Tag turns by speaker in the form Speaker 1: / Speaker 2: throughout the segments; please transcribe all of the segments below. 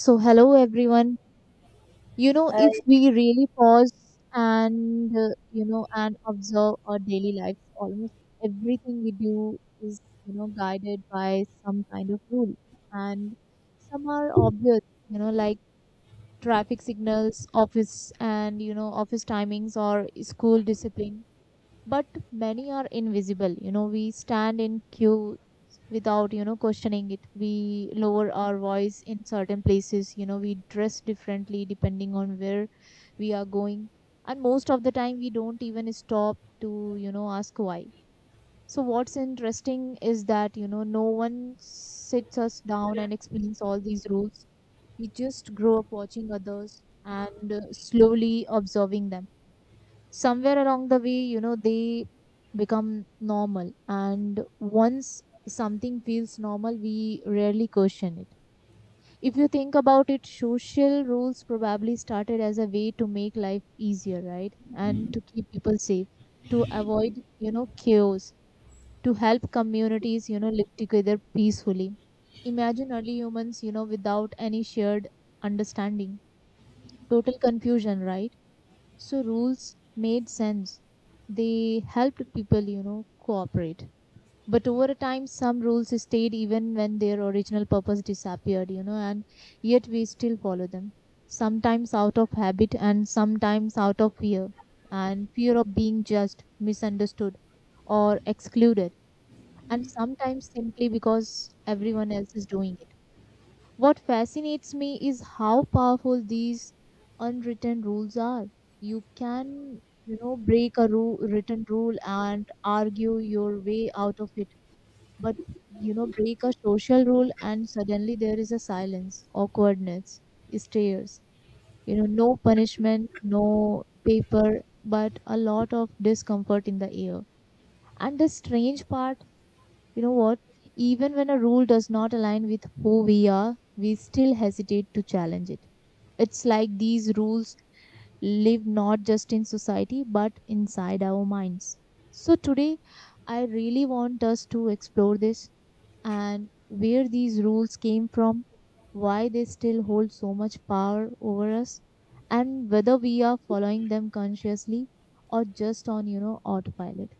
Speaker 1: So, hello everyone.
Speaker 2: I
Speaker 1: If we really pause and you know and observe our daily lives, almost everything we do is guided by some kind of rule, and some are obvious. Like traffic signals, office and you know office timings or school discipline, but many are invisible. We stand in queue without questioning it. We lower our voice in certain places. We dress differently depending on where we are going, and most of the time we don't even stop to ask why. So what's interesting is that no one sits us down and explains all these rules. We just grow up watching others and slowly observing them. Somewhere along the way they become normal, and once something feels normal we rarely question it. If you think about it, social rules probably started as a way to make life easier, right, and to keep people safe, to avoid chaos, to help communities live together peacefully. Imagine early humans without any shared understanding. Total confusion, right? So rules made sense. They helped people, cooperate. But over a time, some rules stayed even when their original purpose disappeared, and yet we still follow them. Sometimes out of habit and sometimes out of fear, and fear of being judged, misunderstood, or excluded, and sometimes simply because everyone else is doing it. What fascinates me is how powerful these unwritten rules are. You can, break a written rule and argue your way out of it, but break a social rule and suddenly there is a silence, awkwardness, stares. No punishment, no paper, but a lot of discomfort in the air. And the strange part, you know what? Even when a rule does not align with who we are, we still hesitate to challenge it. It's like these rules live not just in society but inside our minds. So, today I really want us to explore this, and where these rules came from, why they still hold so much power over us, and whether we are following them consciously or just on, autopilot.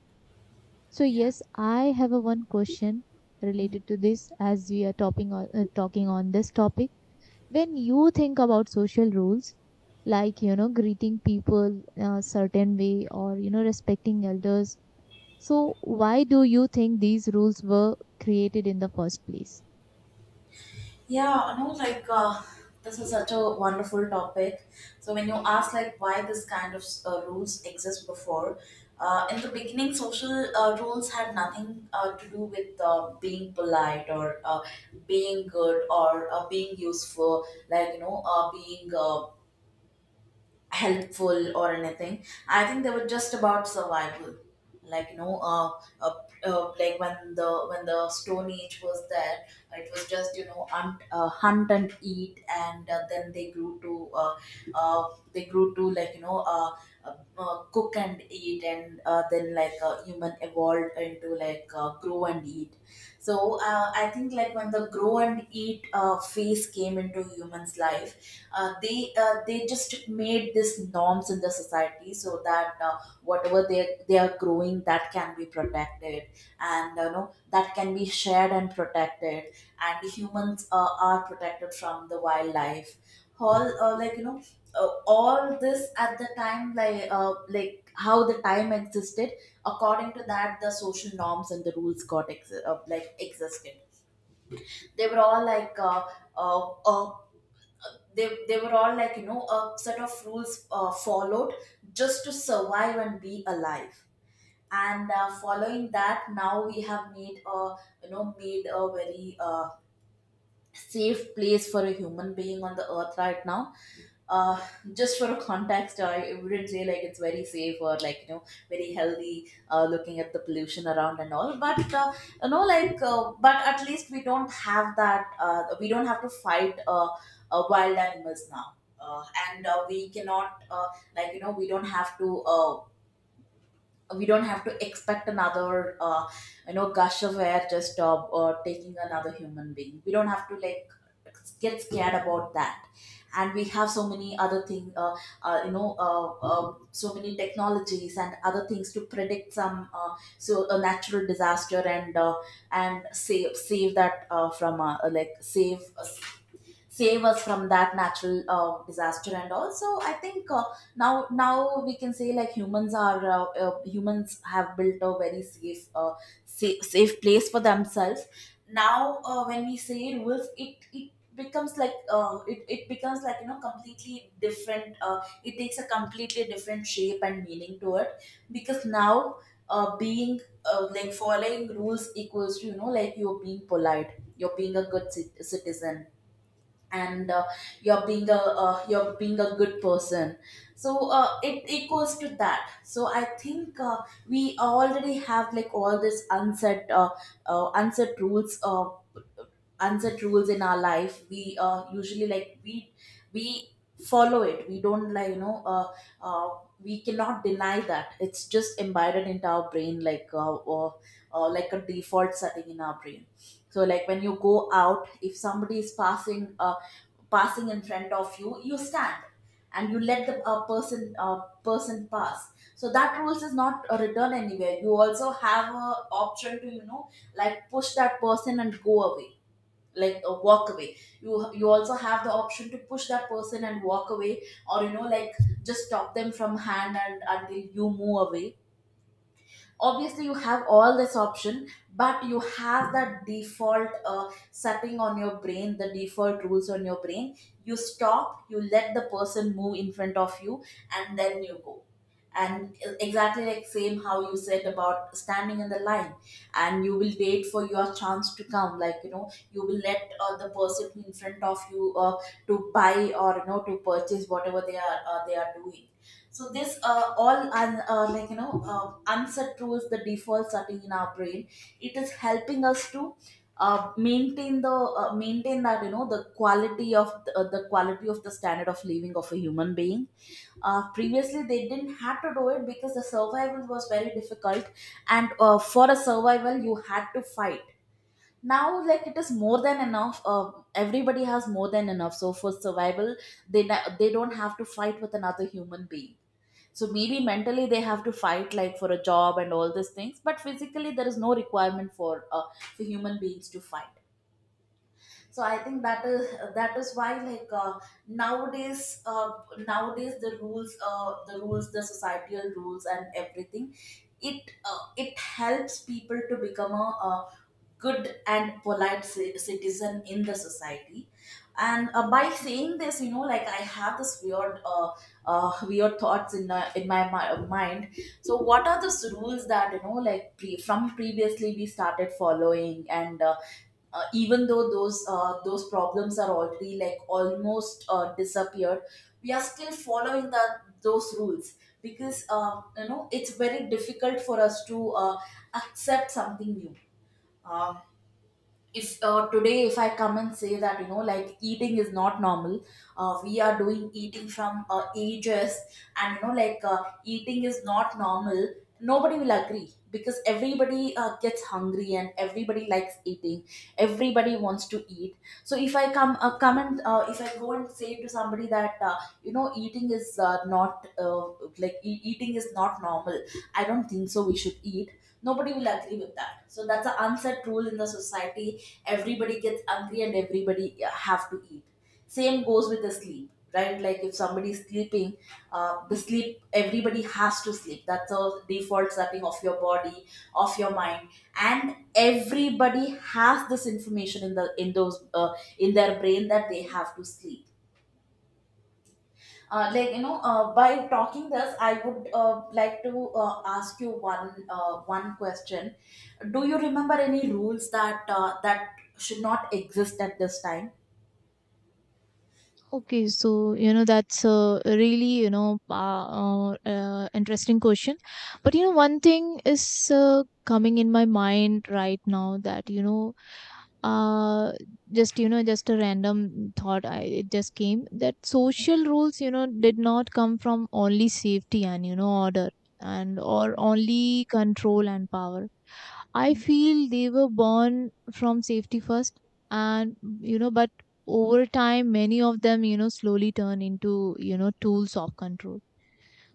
Speaker 1: So yes, I have a one question related to this as we are talking on this topic. When you think about social rules, like greeting people a certain way or respecting elders, so why do you think these rules were created in the first place?
Speaker 2: yeah, no, this is such a wonderful topic. So when you ask like why this kind of rules exist before, in the beginning, social rules had nothing to do with being polite or being good or being useful, like you know, being helpful or anything. I think they were just about survival. Like you know, uh, like when the Stone Age was there, it was just you know hunt, hunt and eat, and then they grew to like you know cook and eat, and then human evolved into grow and eat. So I think like when the grow and eat phase came into humans' life uh, they just made these norms in the society so that whatever they are growing that can be protected, and you know that can be shared and protected, and humans are protected from the wildlife, all uh, like you know all this at the time like how the time existed. According to that, the social norms and the rules got like existed. They were all like uh, uh, they were all like you know a set of rules followed just to survive and be alive. And following that, now we have made a made a very safe place for a human being on the earth right now. uh, just for a context, I wouldn't say like it's very safe or like you know very healthy. Looking at the pollution around and all, but you know but at least we don't have that. We don't have to fight wild animals now. Uh, and we cannot like you know we don't have to expect another you know gush of air just taking another human being. We don't have to like get scared about that, and we have so many other things you know so many technologies and other things to predict some so a natural disaster and save that from like save us, save us from that natural disaster. And also I think now we can say like humans are humans have built a very safe, place for themselves. Now when we say rules, it becomes like it becomes like you know completely different. It takes a completely different shape and meaning to it because now being like following rules equals to you know like you're being polite, you're being a citizen, and you're being a good person. So it equals to that. So I think we already have like all this unsaid rules unset rules in our life. We usually like we follow it. We don't like you know uh, we cannot deny that it's just embedded into our brain like or like a default setting in our brain. So like when you go out, if somebody is passing, passing in front of you, you stand and you let the person pass. So that rules is not written anywhere. You also have a option to you know like push that person and go away, walk away. You also have the option to push that person and walk away, or you know like just stop them from hand and until you move away. Obviously you have all this option, but you have that default setting on your brain, the default rules on your brain. You stop, you let the person move in front of you, and then you go. And exactly like same how you said about standing in the line, and you will wait for your chance to come. Like you know, you will let the person in front of you to buy or you know to purchase whatever they are doing. So this like you know unset rules, the default setting in our brain. It is helping us to maintain the, maintain that you know the quality of the quality of the standard of living of a human being. Previously, they didn't have to do it because the survival was very difficult, and for a survival, you had to fight. Now like it is more than enough. Everybody has more than enough, so for survival, they don't have to fight with another human being. So maybe mentally they have to fight like for a job and all these things, but physically there is no requirement for human beings to fight. So I think that is why nowadays uh, nowadays the rules, the societal rules, and everything, it helps people to become a good and polite citizen in the society. And by saying this, you know, like I have this weird thoughts in my mind. So what are those rules that you know like from previously we started following, and even though those problems are already like almost disappeared, we are still following the those rules because you know it's very difficult for us to accept something new. Um if today if I come and say that you know like eating is not normal, we are doing eating from ages, and you know eating is not normal, nobody will agree because everybody gets hungry and everybody likes eating. Everybody wants to eat. So if I come and if I go and say to somebody that you know eating is not like eating is not normal, I don't think so we should eat. Nobody will agree with that. So that's an unsaid rule in the society. Everybody gets angry and everybody have to eat. Same goes with the sleep, right? Like if somebody is sleeping, the sleep everybody has to sleep. That's a default setting of your body, of your mind, and everybody has this information in the in their brain that they have to sleep. Like you know, by talking this, I would like to ask you one question. Do you remember any rules that that should not exist at this time?
Speaker 1: Okay, so that's a really interesting question, but one thing is coming in my mind right now. That you know uh just a random thought. I it just came that social rules did not come from only safety and order, and or only control and power. I feel they were born from safety first, and but over time, many of them, slowly turn into, tools of control.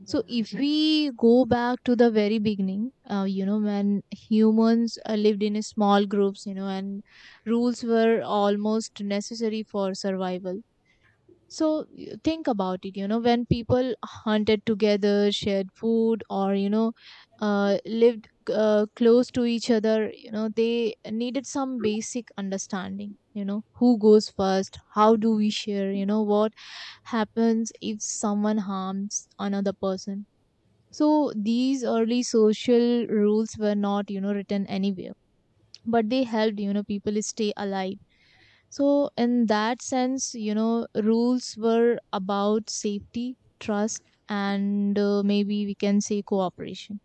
Speaker 1: So if we go back to the very beginning, when humans lived in small groups, and rules were almost necessary for survival. So think about it, when people hunted together, shared food, or, lived close to each other, they needed some basic understanding, who goes first, how do we share, what happens if someone harms another person. So these early social rules were not, written anywhere, but they helped, people stay alive. So, in that sense, rules were about safety, trust, and maybe we can say cooperation.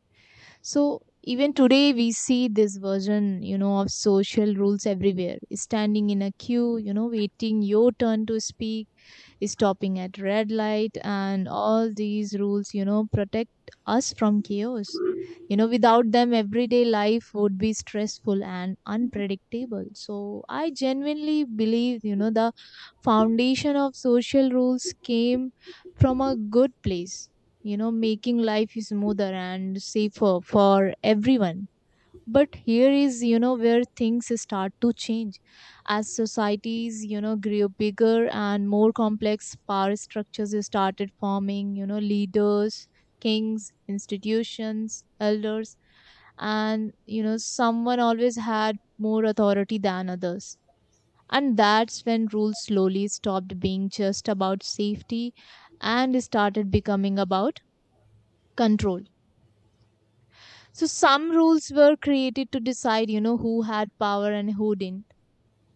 Speaker 1: So, even today, we see this version, of social rules everywhere, standing in a queue, waiting your turn to speak, stopping at red light. And all these rules protect us from chaos. Without them everyday life would be stressful and unpredictable. So I genuinely believe the foundation of social rules came from a good place, making life smoother and safer for everyone. But here is where things start to change. As societies grew bigger and more complex, power structures started forming, leaders, kings, institutions, elders, and someone always had more authority than others. And that's when rules slowly stopped being just about safety and started becoming about control. So some rules were created to decide who had power and who didn't,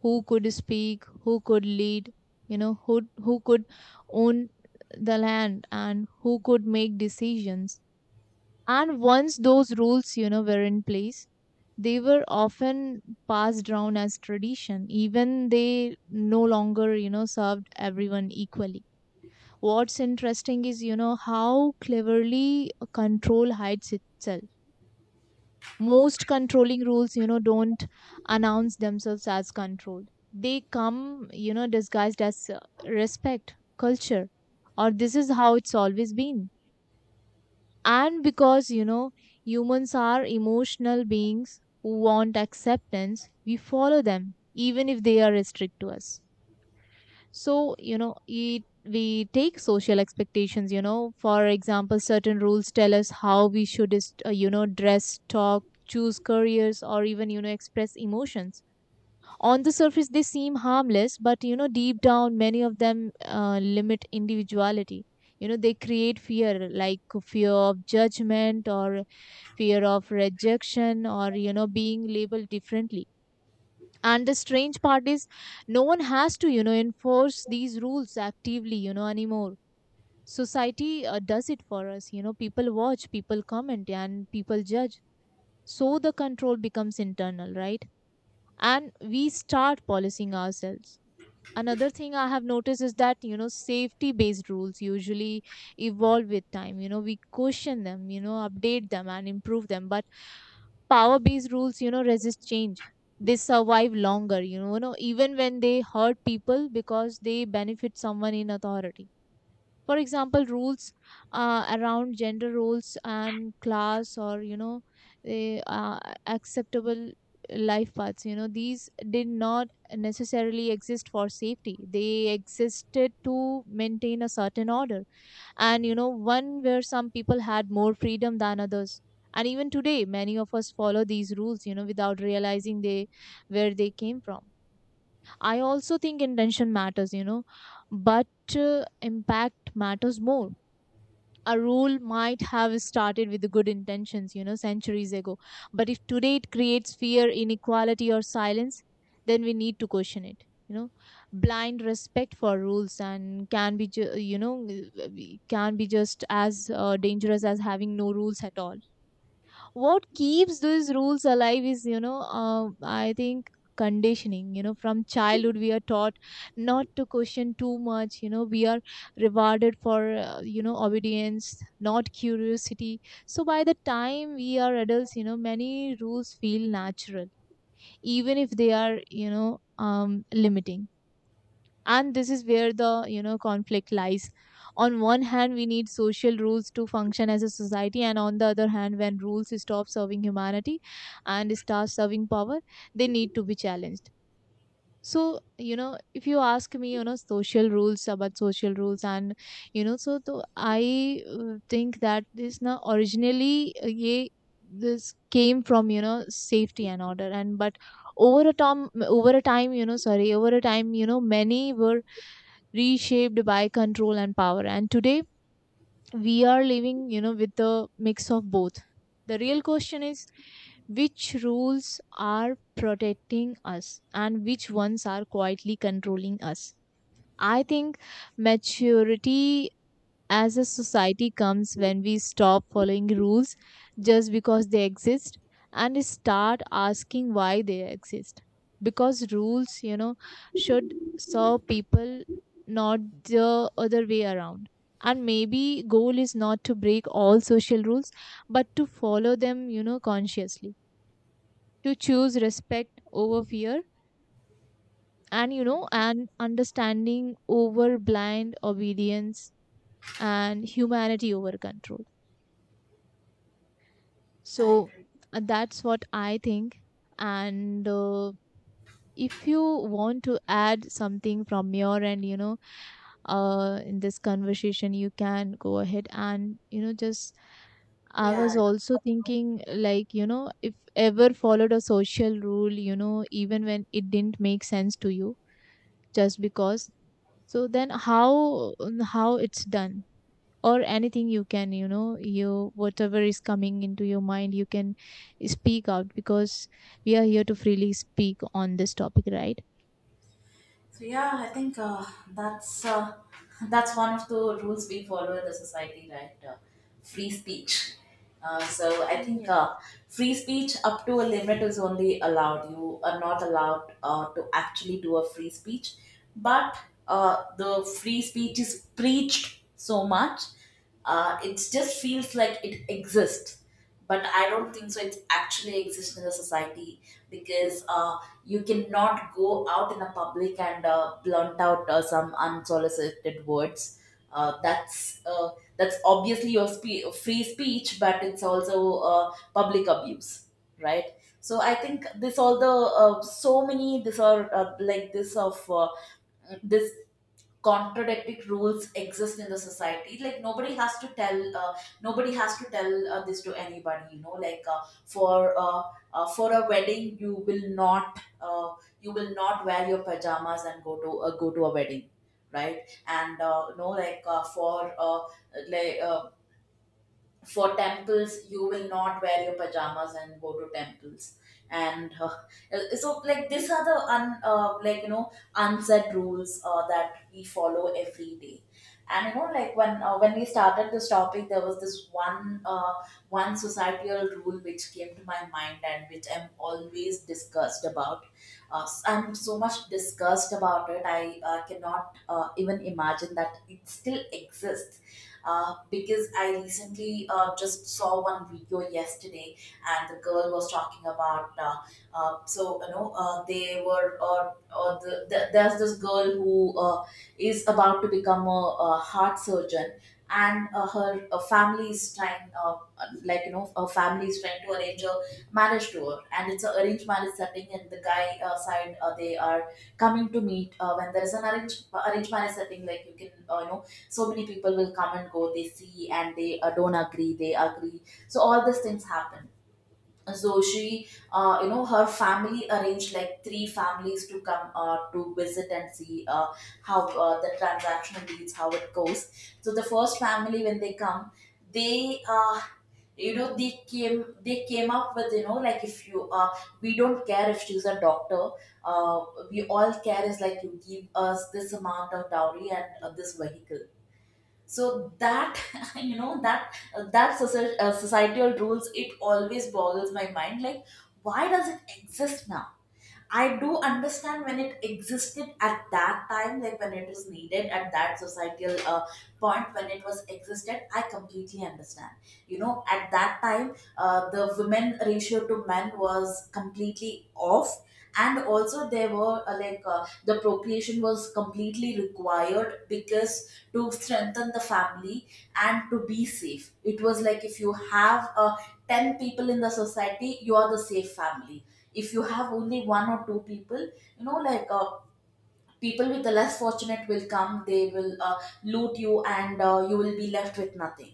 Speaker 1: who could speak, who could lead, who could own the land and who could make decisions. And once those rules, were in place, they were often passed down as tradition. Even they no longer, served everyone equally. What's interesting is, how cleverly control hides itself. Most controlling rules don't announce themselves as control. They come disguised as respect, culture, or this is how it's always been. And because humans are emotional beings who want acceptance, we follow them even if they are strict to us. So it, we take social expectations, for example certain rules tell us how we should dress, talk, choose careers, or even express emotions. On the surface they seem harmless, but deep down many of them limit individuality. They create fear, like fear of judgment, or fear of rejection, or being labeled differently. And the strange part is no one has to enforce these rules actively, anymore. Society does it for us. People watch, people comment, and people judge. So the control becomes internal, right? And we start policing ourselves. Another thing I have noticed is that safety based rules usually evolve with time. We question them, update them and improve them. But power based rules resist change. They survive longer, even when they hurt people, because they benefit someone in authority. For example, rules around gender roles and class, or eh, uh, acceptable life paths, these did not necessarily exist for safety. They existed to maintain a certain order, and one where some people had more freedom than others. And even today many of us follow these rules without realizing they where they came from. I also think intention matters, but impact matters more. A rule might have started with good intentions, centuries ago. But if today it creates fear, inequality, or silence, then we need to question it. You know, Blind respect for rules and can be, can be just as dangerous as having no rules at all. What keeps those rules alive is I think, conditioning. From childhood we are taught not to question too much. We are rewarded for obedience, not curiosity. So by the time we are adults, many rules feel natural even if they are limiting. And this is where the conflict lies. On one hand we need social rules to function as a society, and on the other hand when rules stop serving humanity and start serving power, they need to be challenged. So if you ask me, social rules, about social rules and you know so to I think that this, now originally this came from safety and order, and but over a time you know sorry over a time you know many were reshaped by control and power. And today we are living, with a mix of both. The real question is, which rules are protecting us and which ones are quietly controlling us. I think maturity as a society comes when we stop following rules just because they exist, and start asking why they exist. Because rules should serve people, not the other way around. And maybe goal is not to break all social rules, but to follow them consciously, to choose respect over fear, and you know and understanding over blind obedience, and humanity over control.
Speaker 2: I
Speaker 1: So
Speaker 2: agree.
Speaker 1: that's what I think. And if you want to add something from your end, in this conversation, you can go ahead and, just. I
Speaker 2: Yeah.
Speaker 1: was also thinking, like, if ever followed a social rule, even when it didn't make sense to you, just because. So then how it's done? Or anything you can you know you whatever is coming into your mind you can speak out because we are here to freely speak on this topic, right?
Speaker 2: So yeah, I think that's that's one of the rules we follow in the society, right? Free speech. So I think
Speaker 1: Yes.
Speaker 2: free speech up to a limit is only allowed. You are not allowed to actually do a free speech, but the free speech is preached so much, it just feels like it exists, but I don't think so. It actually exists in the society because you cannot go out in the public and blunt out some unsolicited words. Uh, that's uh, that's obviously your free speech, but it's also public abuse, right? So I think this all the so many this are like this of this contradictory rules exist in the society. Like nobody has to tell nobody has to tell this to anybody. You know like for a wedding you will not wear your pajamas and go to a wedding, right? And you know like uh, for temples you will not wear your pajamas and go to temples. And so like these are the like you know unsaid rules that we follow every day. And you know like when we started this topic, there was this one societal rule which came to my mind and which I'm always discussed about. I'm so much discussed about it, I cannot even imagine that it still exists because I recently just saw one video yesterday, and the girl was talking about so you know they were the, there's this girl who is about to become a heart surgeon. And her family is trying, like you know, her family is trying to arrange a marriage to her, and it's an arranged marriage setting. And the guy side, they are coming to meet when there is an arranged marriage setting. Like you can, so many people will come and go, they see and they don't agree, they agree, so all these things happen. So she, you know, her family arranged like three families to come to visit and see how the transaction leads, how it goes. So the first family, when they come, they uh, they came up with, you know, like, if you we don't care if she's a doctor, uh, we all care is like you give us this amount of dowry and this vehicle. So that you know, that societal rules, it always boggles my mind, like why does it exist now. I do understand when it existed at that time, like when it was needed at that societal point, when it was existed, I completely understand. You know, at that time the women ratio to men was completely off. And also there were, the procreation was completely required because to strengthen the family and to be safe. It was like if you have 10 people in the society, you are the safe family. If you have only one or two people, you know, people with the less fortunate will come, they will loot you and you will be left with nothing.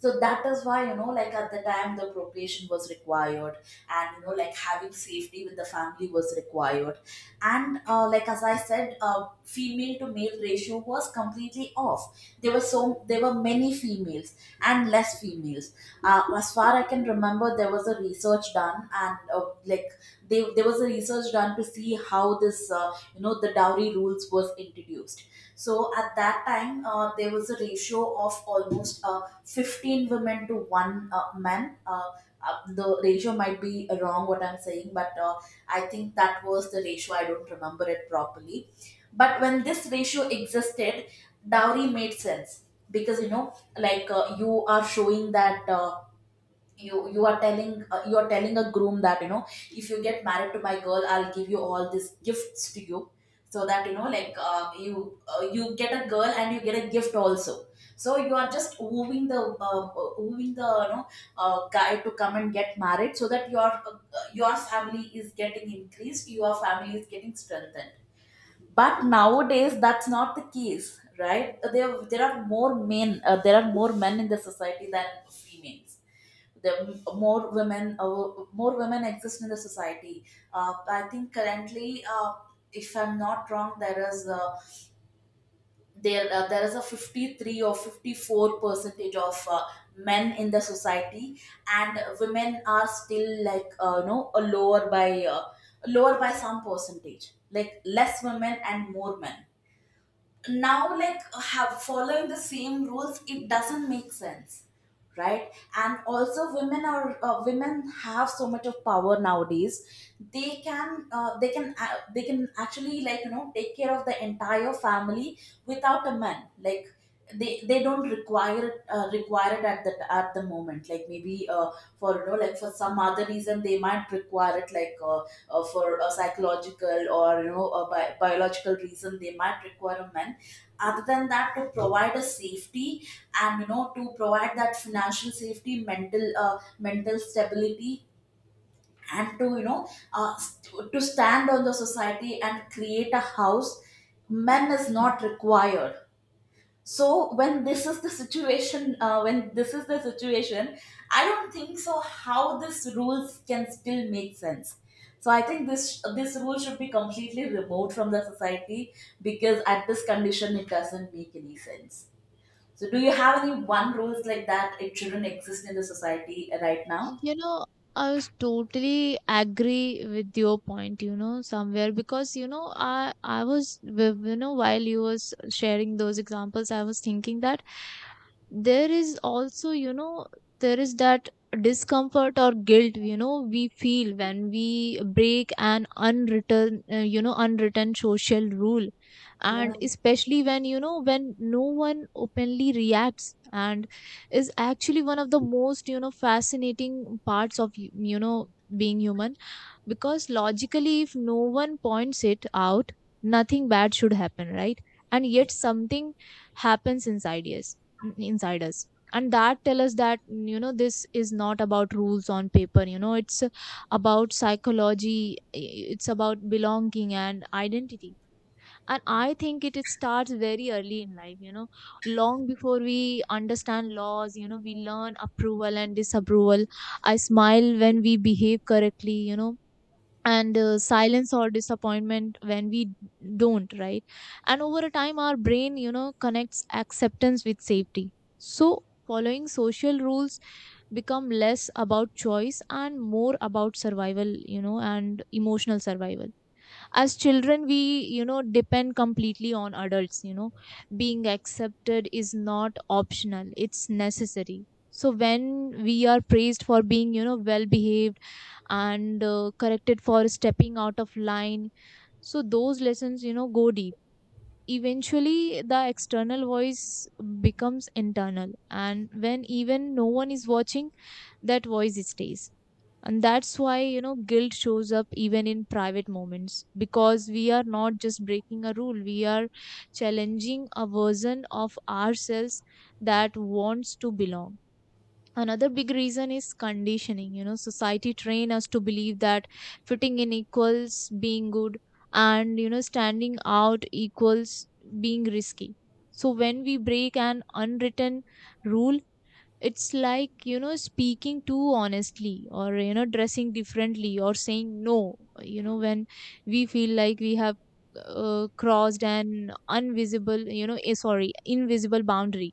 Speaker 2: So that is why, you know, like at the time the procreation was required, and you know, like having safety with the family was required. And like as I said, female to male ratio was completely off. There were there were many females and less females. As far I can remember, there was a research done, and like there was a research done to see how this, you know, the dowry rules was introduced. So at that time there was a ratio of almost 15 women to one man. The ratio might be wrong, what I'm saying, but I think that was the ratio, I don't remember it properly. But when this ratio existed, dowry made sense. Because, you know, you are showing that, uh, you are telling, you are telling a groom that, you know, if you get married to my girl, I'll give you all these gifts to you. So that, you know, you get a girl and you get a gift also. So you are just wooing the, wooing the, you know, guy to come and get married, so that your, your family is getting increased, your family is getting strengthened. But nowadays that's not the case, right? There are more men, there are more men in the society than females. The more women, more women exist in the society. I think currently, if I'm not wrong, there is a there is a 53 or 54 percentage of men in the society, and women are still like, you know, a lower by, lower by some percentage, like less women and more men. Now, like, have following the same rules, it doesn't make sense, right? And also women are, women have so much of power nowadays. They can, they can actually, like, you know, take care of the entire family without a man. Like, they don't require it, require it at the moment. Like, maybe, for you know like for some other reason they might require it, like, for a psychological or, you know, a biological reason they might require a man. Other than that, to provide a safety, and you know, to provide that financial safety, mental, mental stability, and to, you know, to stand on the society and create a house, men is not required. So when this is the situation, I don't think so how this rules can still make sense. So I think this rule should be completely removed from the society, because at this condition it doesn't make any sense. So do you have any one rules like that, it shouldn't exist in the society right now?
Speaker 1: You know, I was totally agree with your point, somewhere because, I was while you was sharing those examples. I was thinking that there is also, there is that discomfort or guilt, we feel when we break an unwritten, unwritten social rule. And
Speaker 2: Yeah.
Speaker 1: especially when, when no one openly reacts and is actually one of the most fascinating parts of being human. Because logically if no one points it out, nothing bad should happen, right? And yet something happens inside us and that tell us that this is not about rules on paper, it's about psychology. It's about belonging and identity. And I think it starts very early in life, long before we understand laws, we learn approval and disapproval. I smile when we behave correctly, and silence or disappointment when we don't, right? And over a time our brain, connects acceptance with safety. So following social rules become less about choice and more about survival, and emotional survival. As children we, depend completely on adults, being accepted is not optional, it's necessary. So when we are praised for being, well behaved, and corrected for stepping out of line, so those lessons, go deep. Eventually the external voice becomes internal, and when even no one is watching, that voice stays. And that's why, guilt shows up even in private moments, because we are not just breaking a rule, we are challenging a version of ourselves that wants to belong. Another big reason is conditioning, society train us to believe that fitting in equals being good, and standing out equals being risky. So when we break an unwritten rule, it's like, speaking too honestly or, dressing differently or saying no, when we feel like we have crossed an invisible, sorry, invisible boundary.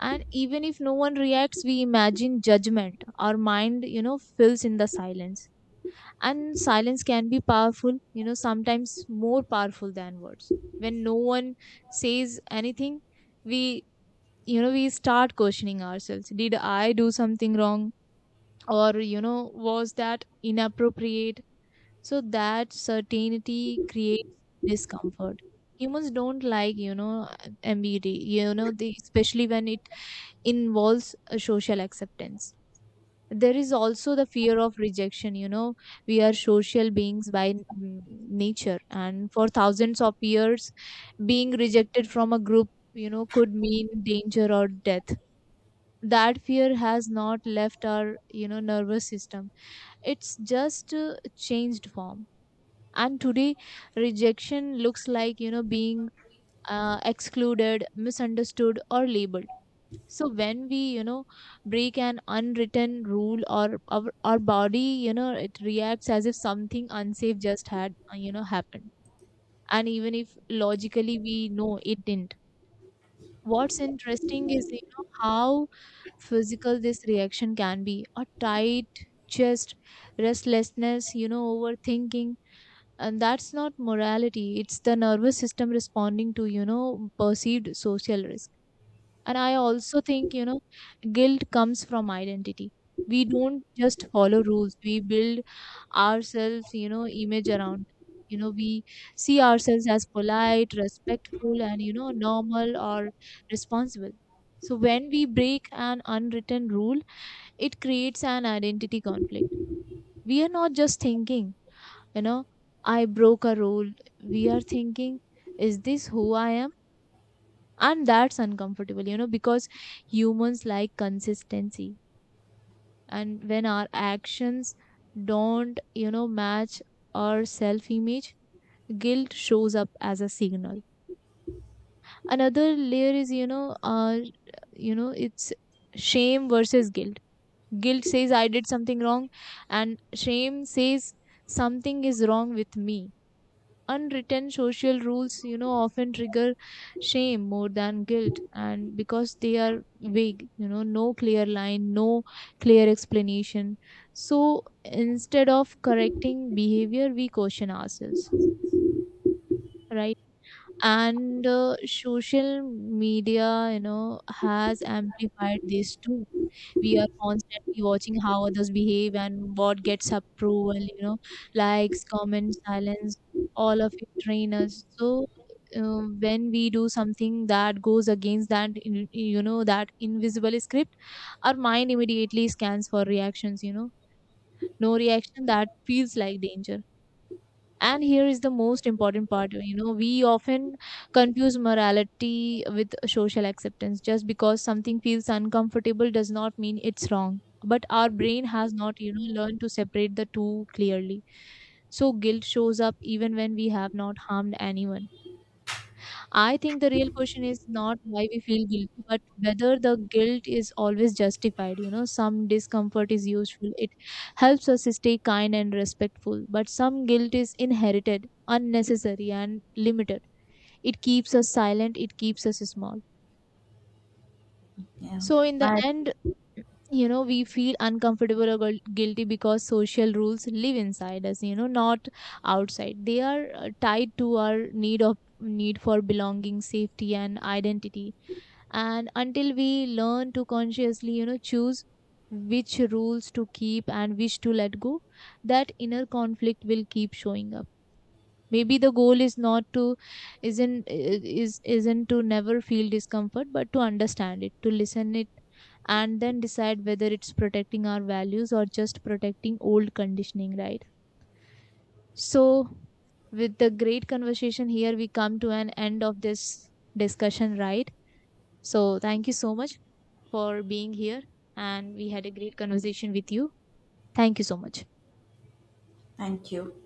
Speaker 1: And even if no one reacts, we imagine judgment. Our mind, fills in the silence. And silence can be powerful, sometimes more powerful than words. When no one says anything, we, we start questioning ourselves, did I do something wrong, or was that inappropriate? So that certainty creates discomfort. Humans don't like, ambiguity, especially when it involves a social acceptance. There is also the fear of rejection, we are social beings by nature, and for thousands of years being rejected from a group, could mean danger or death. That fear has not left our, nervous system. It's just changed form. And today rejection looks like, being excluded, misunderstood or labeled. So when we, break an unwritten rule, or our body, it reacts as if something unsafe just had, happened. And even if logically we know, it didn't. What's interesting is, how physical this reaction can be. A tight chest, restlessness, overthinking. And that's not morality. It's the nervous system responding to, perceived social risk. And I also think, guilt comes from identity. We don't just follow rules, we build ourselves, image around. We see ourselves as polite, respectful, and, normal or responsible. So when we break an unwritten rule, it creates an identity conflict. We are not just thinking, you know, I broke a rule. We are thinking, is this who I am? And that's uncomfortable, because humans like consistency. And when our actions don't, match our self image, guilt shows up as a signal. Another layer is, it's shame versus guilt. Guilt says I did something wrong, and shame says something is wrong with me. Unwritten social rules, often trigger shame more than guilt, and because they are vague, no clear line, no clear explanation. So instead of correcting behavior we caution ourselves, right? And social media, has amplified this too. We are constantly watching how others behave and what gets approval, likes, comments, silence, all of it train us. So when we do something that goes against that that invisible script, our mind immediately scans for reactions, no reaction that feels like danger. And here is the most important part, we often confuse morality with social acceptance. Just because something feels uncomfortable does not mean it's wrong. But our brain has not, learned to separate the two clearly. So guilt shows up even when we have not harmed anyone. I think the real question is not why we feel guilty, but whether the guilt is always justified. Some discomfort is useful. It helps us stay kind and respectful, but some guilt is inherited, unnecessary, and limited. It keeps us silent, it keeps us small.
Speaker 2: Yeah,
Speaker 1: So, in the
Speaker 2: I
Speaker 1: end, we feel uncomfortable or guilty because social rules live inside us, not outside. They are tied to our need of need for belonging, safety and identity. And until we learn to consciously, choose which rules to keep and which to let go, that inner conflict will keep showing up. Maybe the goal is not to isn't is isn't to never feel discomfort, but to understand it, to listen it, and then decide whether it's protecting our values or just protecting old conditioning, right? So with the great conversation here we come to an end of this discussion, right? So thank you so much for being here, and we had a great conversation with you. Thank you so much.
Speaker 2: thank you.